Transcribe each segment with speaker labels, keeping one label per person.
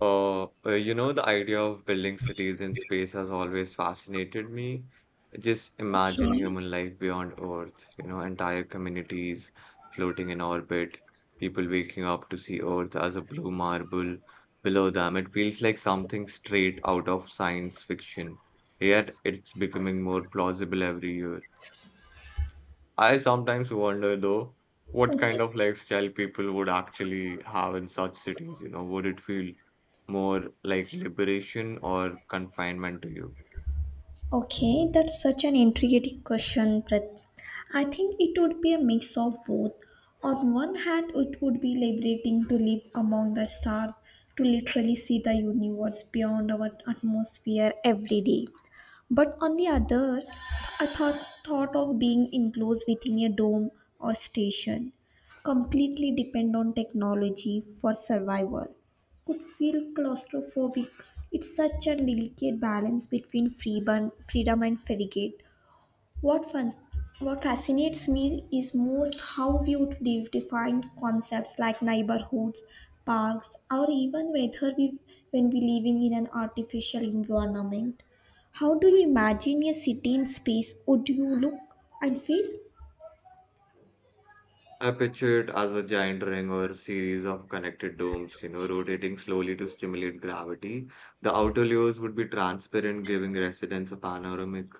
Speaker 1: The idea of building cities in space has always fascinated me. Just imagine
Speaker 2: Okay.
Speaker 1: human life beyond Earth, you know, entire communities floating in orbit, people waking up to see Earth as a blue marble below them. It feels like something straight out of science fiction, yet it's becoming more plausible every year. I sometimes wonder though, what kind of lifestyle people would actually have in such cities, you know, would it feel more like liberation or confinement to you?
Speaker 2: Okay, that's such an intriguing question, Prit. I think it would be a mix of both. On one hand, it would be liberating to live among the stars, to literally see the universe beyond our atmosphere every day. But on the other, I thought of being enclosed within a dome or station, completely depend on technology for survival. Could feel claustrophobic. It's such a delicate balance between freedom and frigate. What fun, what fascinates me is most how you define concepts like neighborhoods, parks, or even whether we when we living in an artificial environment. How do you imagine a city in space? Would you look and feel?
Speaker 1: I picture it as a giant ring or a series of connected domes, you know, rotating slowly to stimulate gravity. The outer layers would be transparent, giving residents a panoramic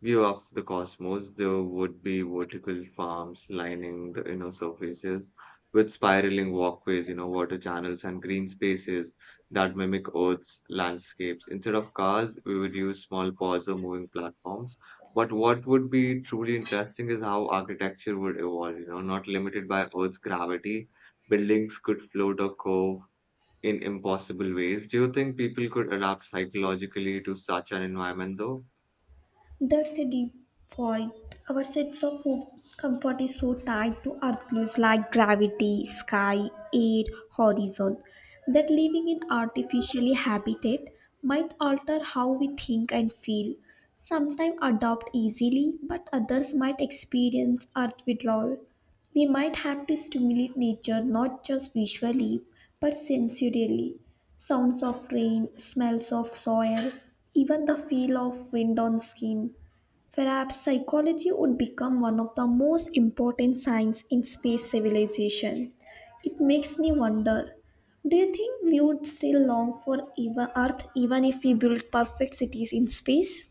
Speaker 1: view of the cosmos. There would be vertical farms lining the inner surfaces with spiraling walkways, you know, water channels and green spaces that mimic Earth's landscapes. Instead of cars, we would use small pods or moving platforms but what would be truly interesting is how architecture would evolve, you know, not limited by Earth's gravity. Buildings could float or curve in impossible ways. Do you think people could adapt psychologically to such an environment, though?
Speaker 2: That's a deep point. Our sense of home comfort is so tied to earth clues like gravity, sky, air, horizon that living in artificially habitat might alter how we think and feel. Sometimes adopt easily, but others might experience earth withdrawal. We might have to stimulate nature not just visually but sensorially. Sounds of rain, smells of soil, even the feel of wind on skin. Perhaps psychology would become one of the most important science in space civilization. It makes me wonder, do you think we would still long for even Earth even if we built perfect cities in space?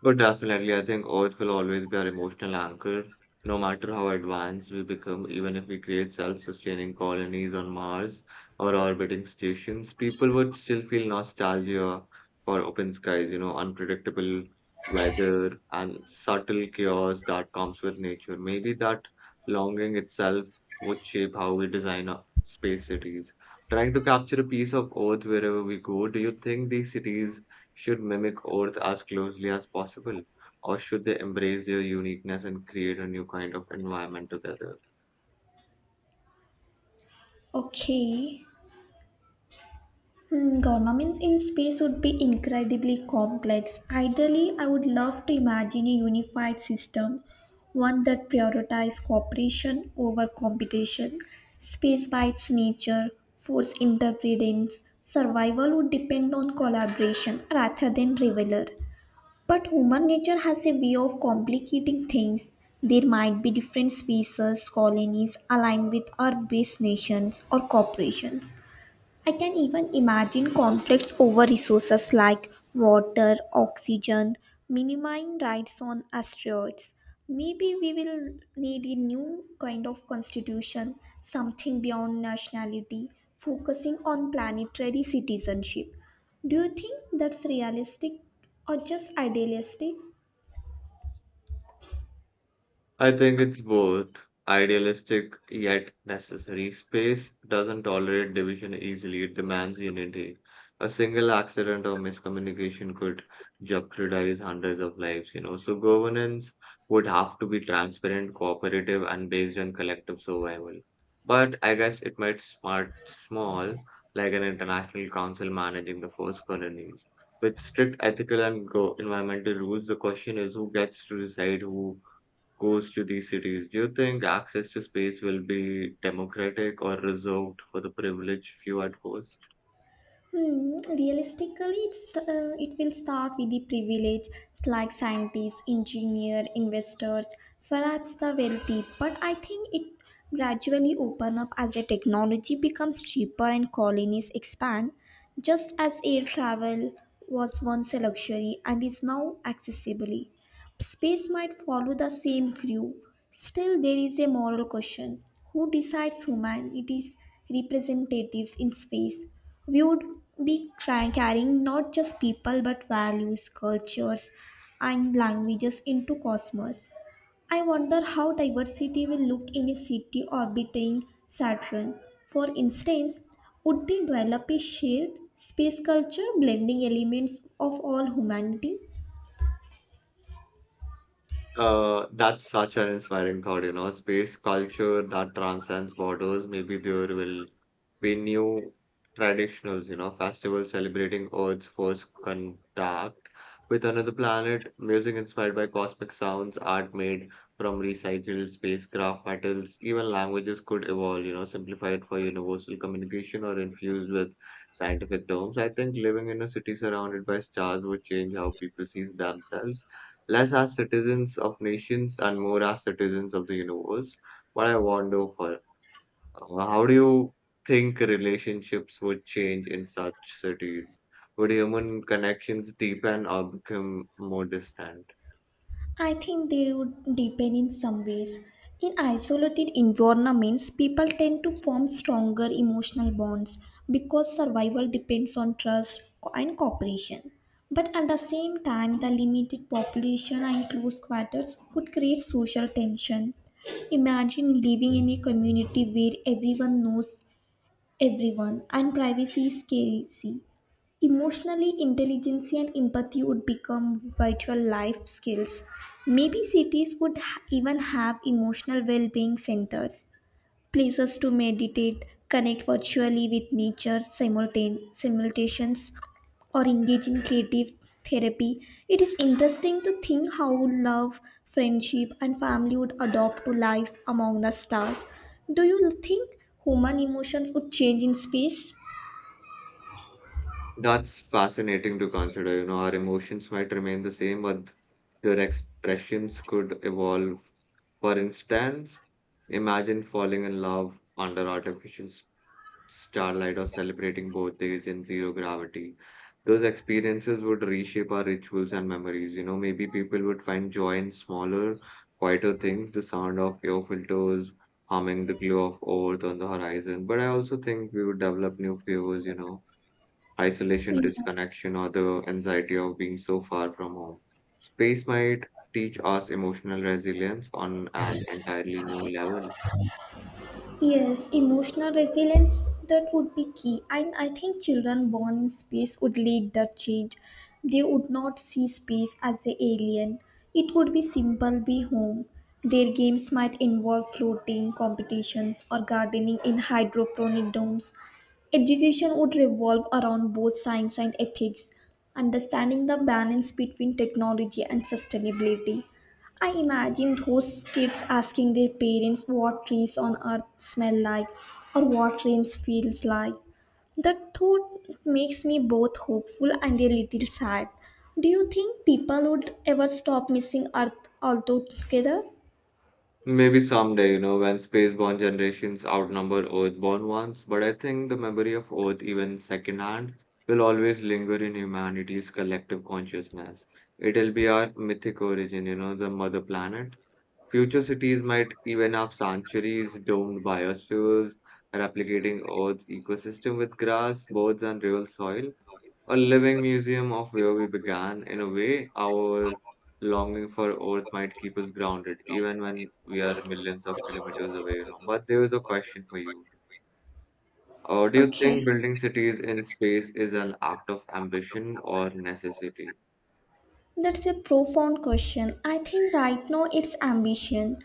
Speaker 1: But definitely, I think Earth will always be our emotional anchor, no matter how advanced we become, even if we create self-sustaining colonies on Mars or orbiting stations, people would still feel nostalgia for open skies, you know, unpredictable weather and subtle chaos that comes with nature. Maybe that longing itself would shape how we design our space cities. Trying to capture a piece of Earth wherever we go, do you think these cities should mimic Earth as closely as possible, or should they embrace their uniqueness and create a new kind of environment together?
Speaker 2: Okay. Governments in space would be incredibly complex. Ideally, I would love to imagine a unified system, one that prioritizes cooperation over competition. Space by its nature, force interdependence, survival would depend on collaboration rather than rivalry. But human nature has a way of complicating things. There might be different species, colonies aligned with Earth based nations or corporations. I can even imagine conflicts over resources like water, oxygen, minimum rights on asteroids. Maybe we will need a new kind of constitution, something beyond nationality, focusing on planetary citizenship. Do you think that's realistic or just idealistic?
Speaker 1: I think it's both. Idealistic yet necessary. Space doesn't tolerate division easily, it demands unity. A single accident or miscommunication could jeopardize hundreds of lives, you know. So, governance would have to be transparent, cooperative, and based on collective survival. But I guess it might start small, like an international council managing the first colonies. With strict ethical and environmental rules, the question is who gets to decide who goes to these cities, do you think access to space will be democratic or reserved for the privileged few at first?
Speaker 2: Realistically, it will start with the privileged, like scientists, engineer, investors, perhaps the wealthy. But I think it gradually open up as the technology becomes cheaper and colonies expand. Just as air travel was once a luxury and is now accessible. Space might follow the same crew. Still, there is a moral question who decides humanity's representatives in space? We would be carrying not just people but values, cultures, and languages into cosmos. I wonder how diversity will look in a city orbiting Saturn. For instance, would they develop a shared space culture blending elements of all humanity?
Speaker 1: That's such an inspiring thought, you know, space culture that transcends borders. Maybe there will be new traditionals, you know, festivals celebrating Earth's first contact with another planet, music inspired by cosmic sounds, art made from recycled spacecraft metals, even languages could evolve, you know, simplified for universal communication or infused with scientific terms. I think living in a city surrounded by stars would change how people see themselves less as citizens of nations and more as citizens of the universe. What I wonder for How do you think relationships would change in such cities? Would human connections deepen or become more distant?
Speaker 2: I think they would depend in some ways. In isolated environments, people tend to form stronger emotional bonds because survival depends on trust and cooperation. But at the same time, the limited population and close quarters could create social tension. Imagine living in a community where everyone knows everyone and privacy is scarce. Emotionally intelligence and empathy would become vital life skills. Maybe cities would even have emotional well being centers, places to meditate, connect virtually with nature simulations, or engage in creative therapy. It is interesting to think how love, friendship, and family would adopt to life among the stars. Do you think human emotions would change in space?
Speaker 1: That's fascinating to consider. You know, our emotions might remain the same, but their expressions could evolve. For instance, imagine falling in love under artificial starlight, or celebrating birthdays in zero gravity. Those experiences would reshape our rituals and memories. You know, maybe people would find joy in smaller, quieter things, the sound of air filters, humming, the glow of earth on the horizon. But I also think we would develop new fears, you know, isolation,
Speaker 2: Yeah.
Speaker 1: disconnection, or the anxiety of being so far from home. Space might teach us emotional resilience on an entirely new level.
Speaker 2: Yes, emotional resilience that would be key. And I think children born in space would lead that change. They would not see space as a alien. It would be simple be home. Their games might involve floating competitions or gardening in hydroponic domes. Education would revolve around both science and ethics, understanding the balance between technology and sustainability. I imagine those kids asking their parents what trees on earth smell like or what rain feels like. That thought makes me both hopeful and a little sad. Do you think people would ever stop missing earth altogether?
Speaker 1: Maybe someday, you know, when spaceborne generations outnumber earthborn ones, but I think the memory of Earth, even secondhand, will always linger in humanity's collective consciousness. It'll be our mythic origin, you know, the mother planet. Future cities might even have sanctuaries domed biospheres, replicating Earth's ecosystem with grass, birds, and real soil a living museum of where we began. In a way, our longing for Earth might keep us grounded, even when we are millions of kilometers away, you know. But there is a question for you. Do you
Speaker 2: Okay.
Speaker 1: think building cities in space is an act of ambition or necessity?
Speaker 2: That's a profound question. I think right now it's ambition,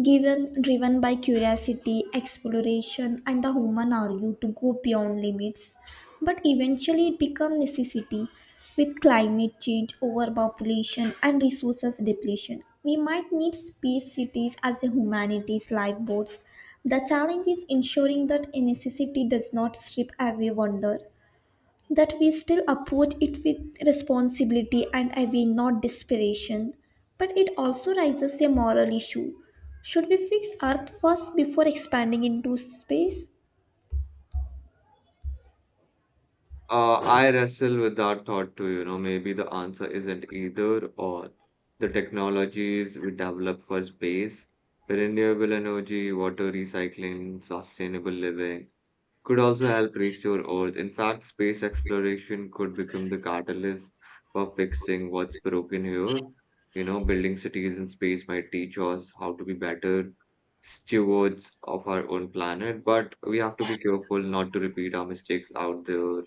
Speaker 2: given driven by curiosity, exploration, and the human urge to go beyond limits. But eventually, it becomes necessity. With climate change, overpopulation, and resources depletion, we might need space cities as a humanities lifeboats. The challenge is ensuring that a necessity does not strip away wonder that we still approach it with responsibility and I will not desperation. But it also raises a moral issue. Should we fix Earth first before expanding into space?
Speaker 1: I wrestle with that thought too, you know. Maybe the answer isn't either or. The technologies we develop for space, renewable energy, water recycling, sustainable living could also help restore Earth. In fact, space exploration could become the catalyst for fixing what's broken here. You know, building cities in space might teach us how to be better stewards of our own planet, but we have to be careful not to repeat our mistakes out there.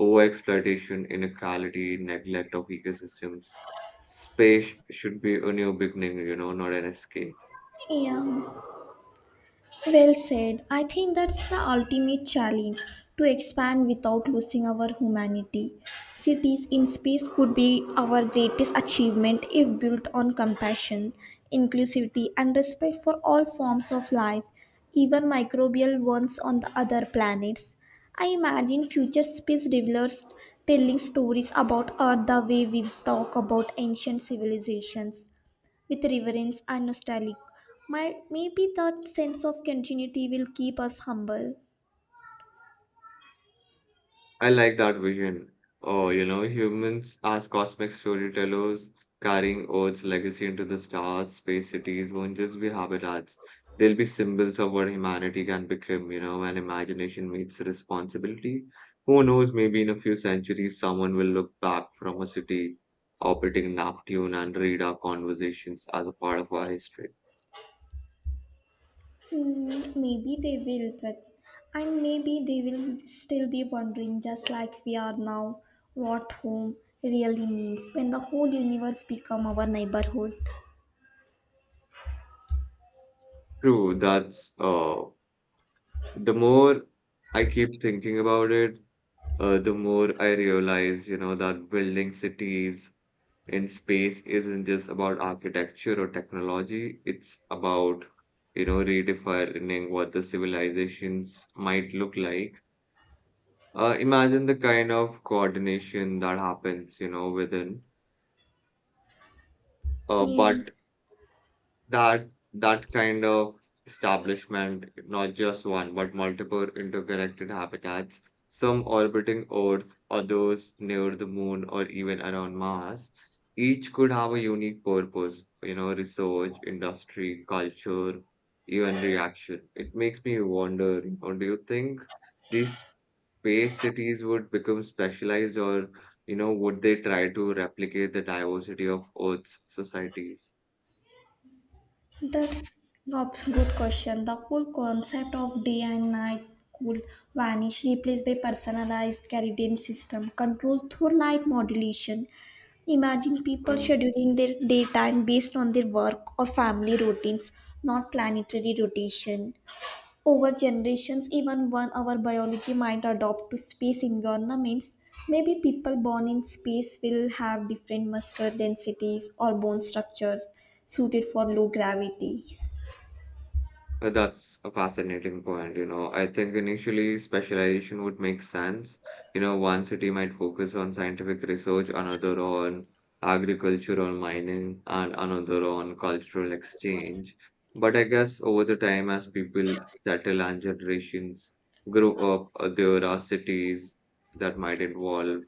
Speaker 1: Overexploitation, inequality, neglect of ecosystems. Space should be a new beginning, you know, not an escape.
Speaker 2: Yeah. Well said. I think that's the ultimate challenge to expand without losing our humanity. Cities in space could be our greatest achievement if built on compassion, inclusivity, and respect for all forms of life, even microbial ones on the other planets. I imagine future space travelers telling stories about Earth the way we talk about ancient civilizations with reverence and nostalgia. Maybe that sense of continuity will keep us humble.
Speaker 1: I like that vision. Oh, you know, humans as cosmic storytellers carrying Earth's legacy into the stars, space cities won't just be habitats. They'll be symbols of what humanity can become, you know, when imagination meets responsibility. Who knows, maybe in a few centuries, someone will look back from a city orbiting Neptune and read our conversations as a part of our history.
Speaker 2: Hmm, maybe they will, but and maybe they will still be wondering, just like we are now, what home really means when the whole universe become our neighborhood.
Speaker 1: True, that's the more I keep thinking about it, the more I realize, you know, that building cities in space isn't just about architecture or technology, it's about, you know, redefining what the civilizations might look like. Imagine the kind of coordination that happens, you know, within. Uh, but
Speaker 2: Yes.
Speaker 1: that that kind of establishment, not just one, but multiple interconnected habitats, some orbiting Earth, others near the moon or even around Mars, each could have a unique purpose, you know, research, industry, culture, even reaction. It makes me wonder, you know, do you think these space cities would become specialized or, you know, would they try to replicate the diversity of Earth's societies?
Speaker 2: That's that's a good question. The whole concept of day and night could vanish, replaced by personalized circadian system controlled through light modulation. Imagine people scheduling their daytime based on their work or family routines, not planetary rotation. Over generations, even one our biology might adopt to space environments. Maybe people born in space will have different muscular densities or bone structures suited for low gravity.
Speaker 1: That's a fascinating point. You know, I think initially specialization would make sense. You know, one city might focus on scientific research, another on agriculture or mining, and another on cultural exchange. But I guess over the time, as people settle and generations grow up, there are cities that might evolve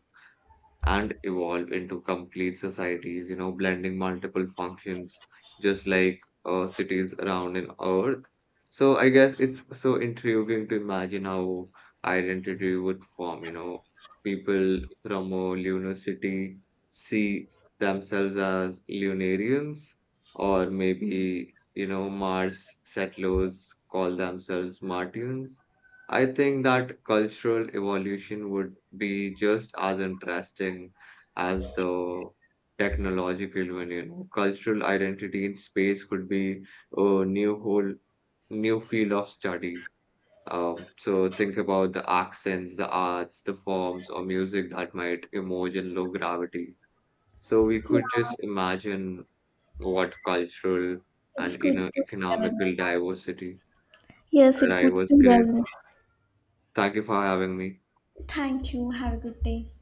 Speaker 1: and evolve into complete societies, you know, blending multiple functions, just like cities around in Earth. So I guess it's so intriguing to imagine how identity would form, you know, people from a lunar city see themselves as lunarians, or maybe, you know, Mars settlers call themselves Martians. I think that cultural evolution would be just as interesting as the technological one, you know. Cultural identity in space could be a new whole new field of study. So think about the accents, the arts, the forms or music that might emerge in low gravity. So we could
Speaker 2: Yeah,
Speaker 1: just imagine what cultural
Speaker 2: it's
Speaker 1: and you
Speaker 2: good
Speaker 1: know
Speaker 2: to hear.
Speaker 1: economical diversity.
Speaker 2: Yes, it's
Speaker 1: That
Speaker 2: good
Speaker 1: was
Speaker 2: to
Speaker 1: great.
Speaker 2: hear.
Speaker 1: Thank you for having me.
Speaker 2: Thank you. Have a good day.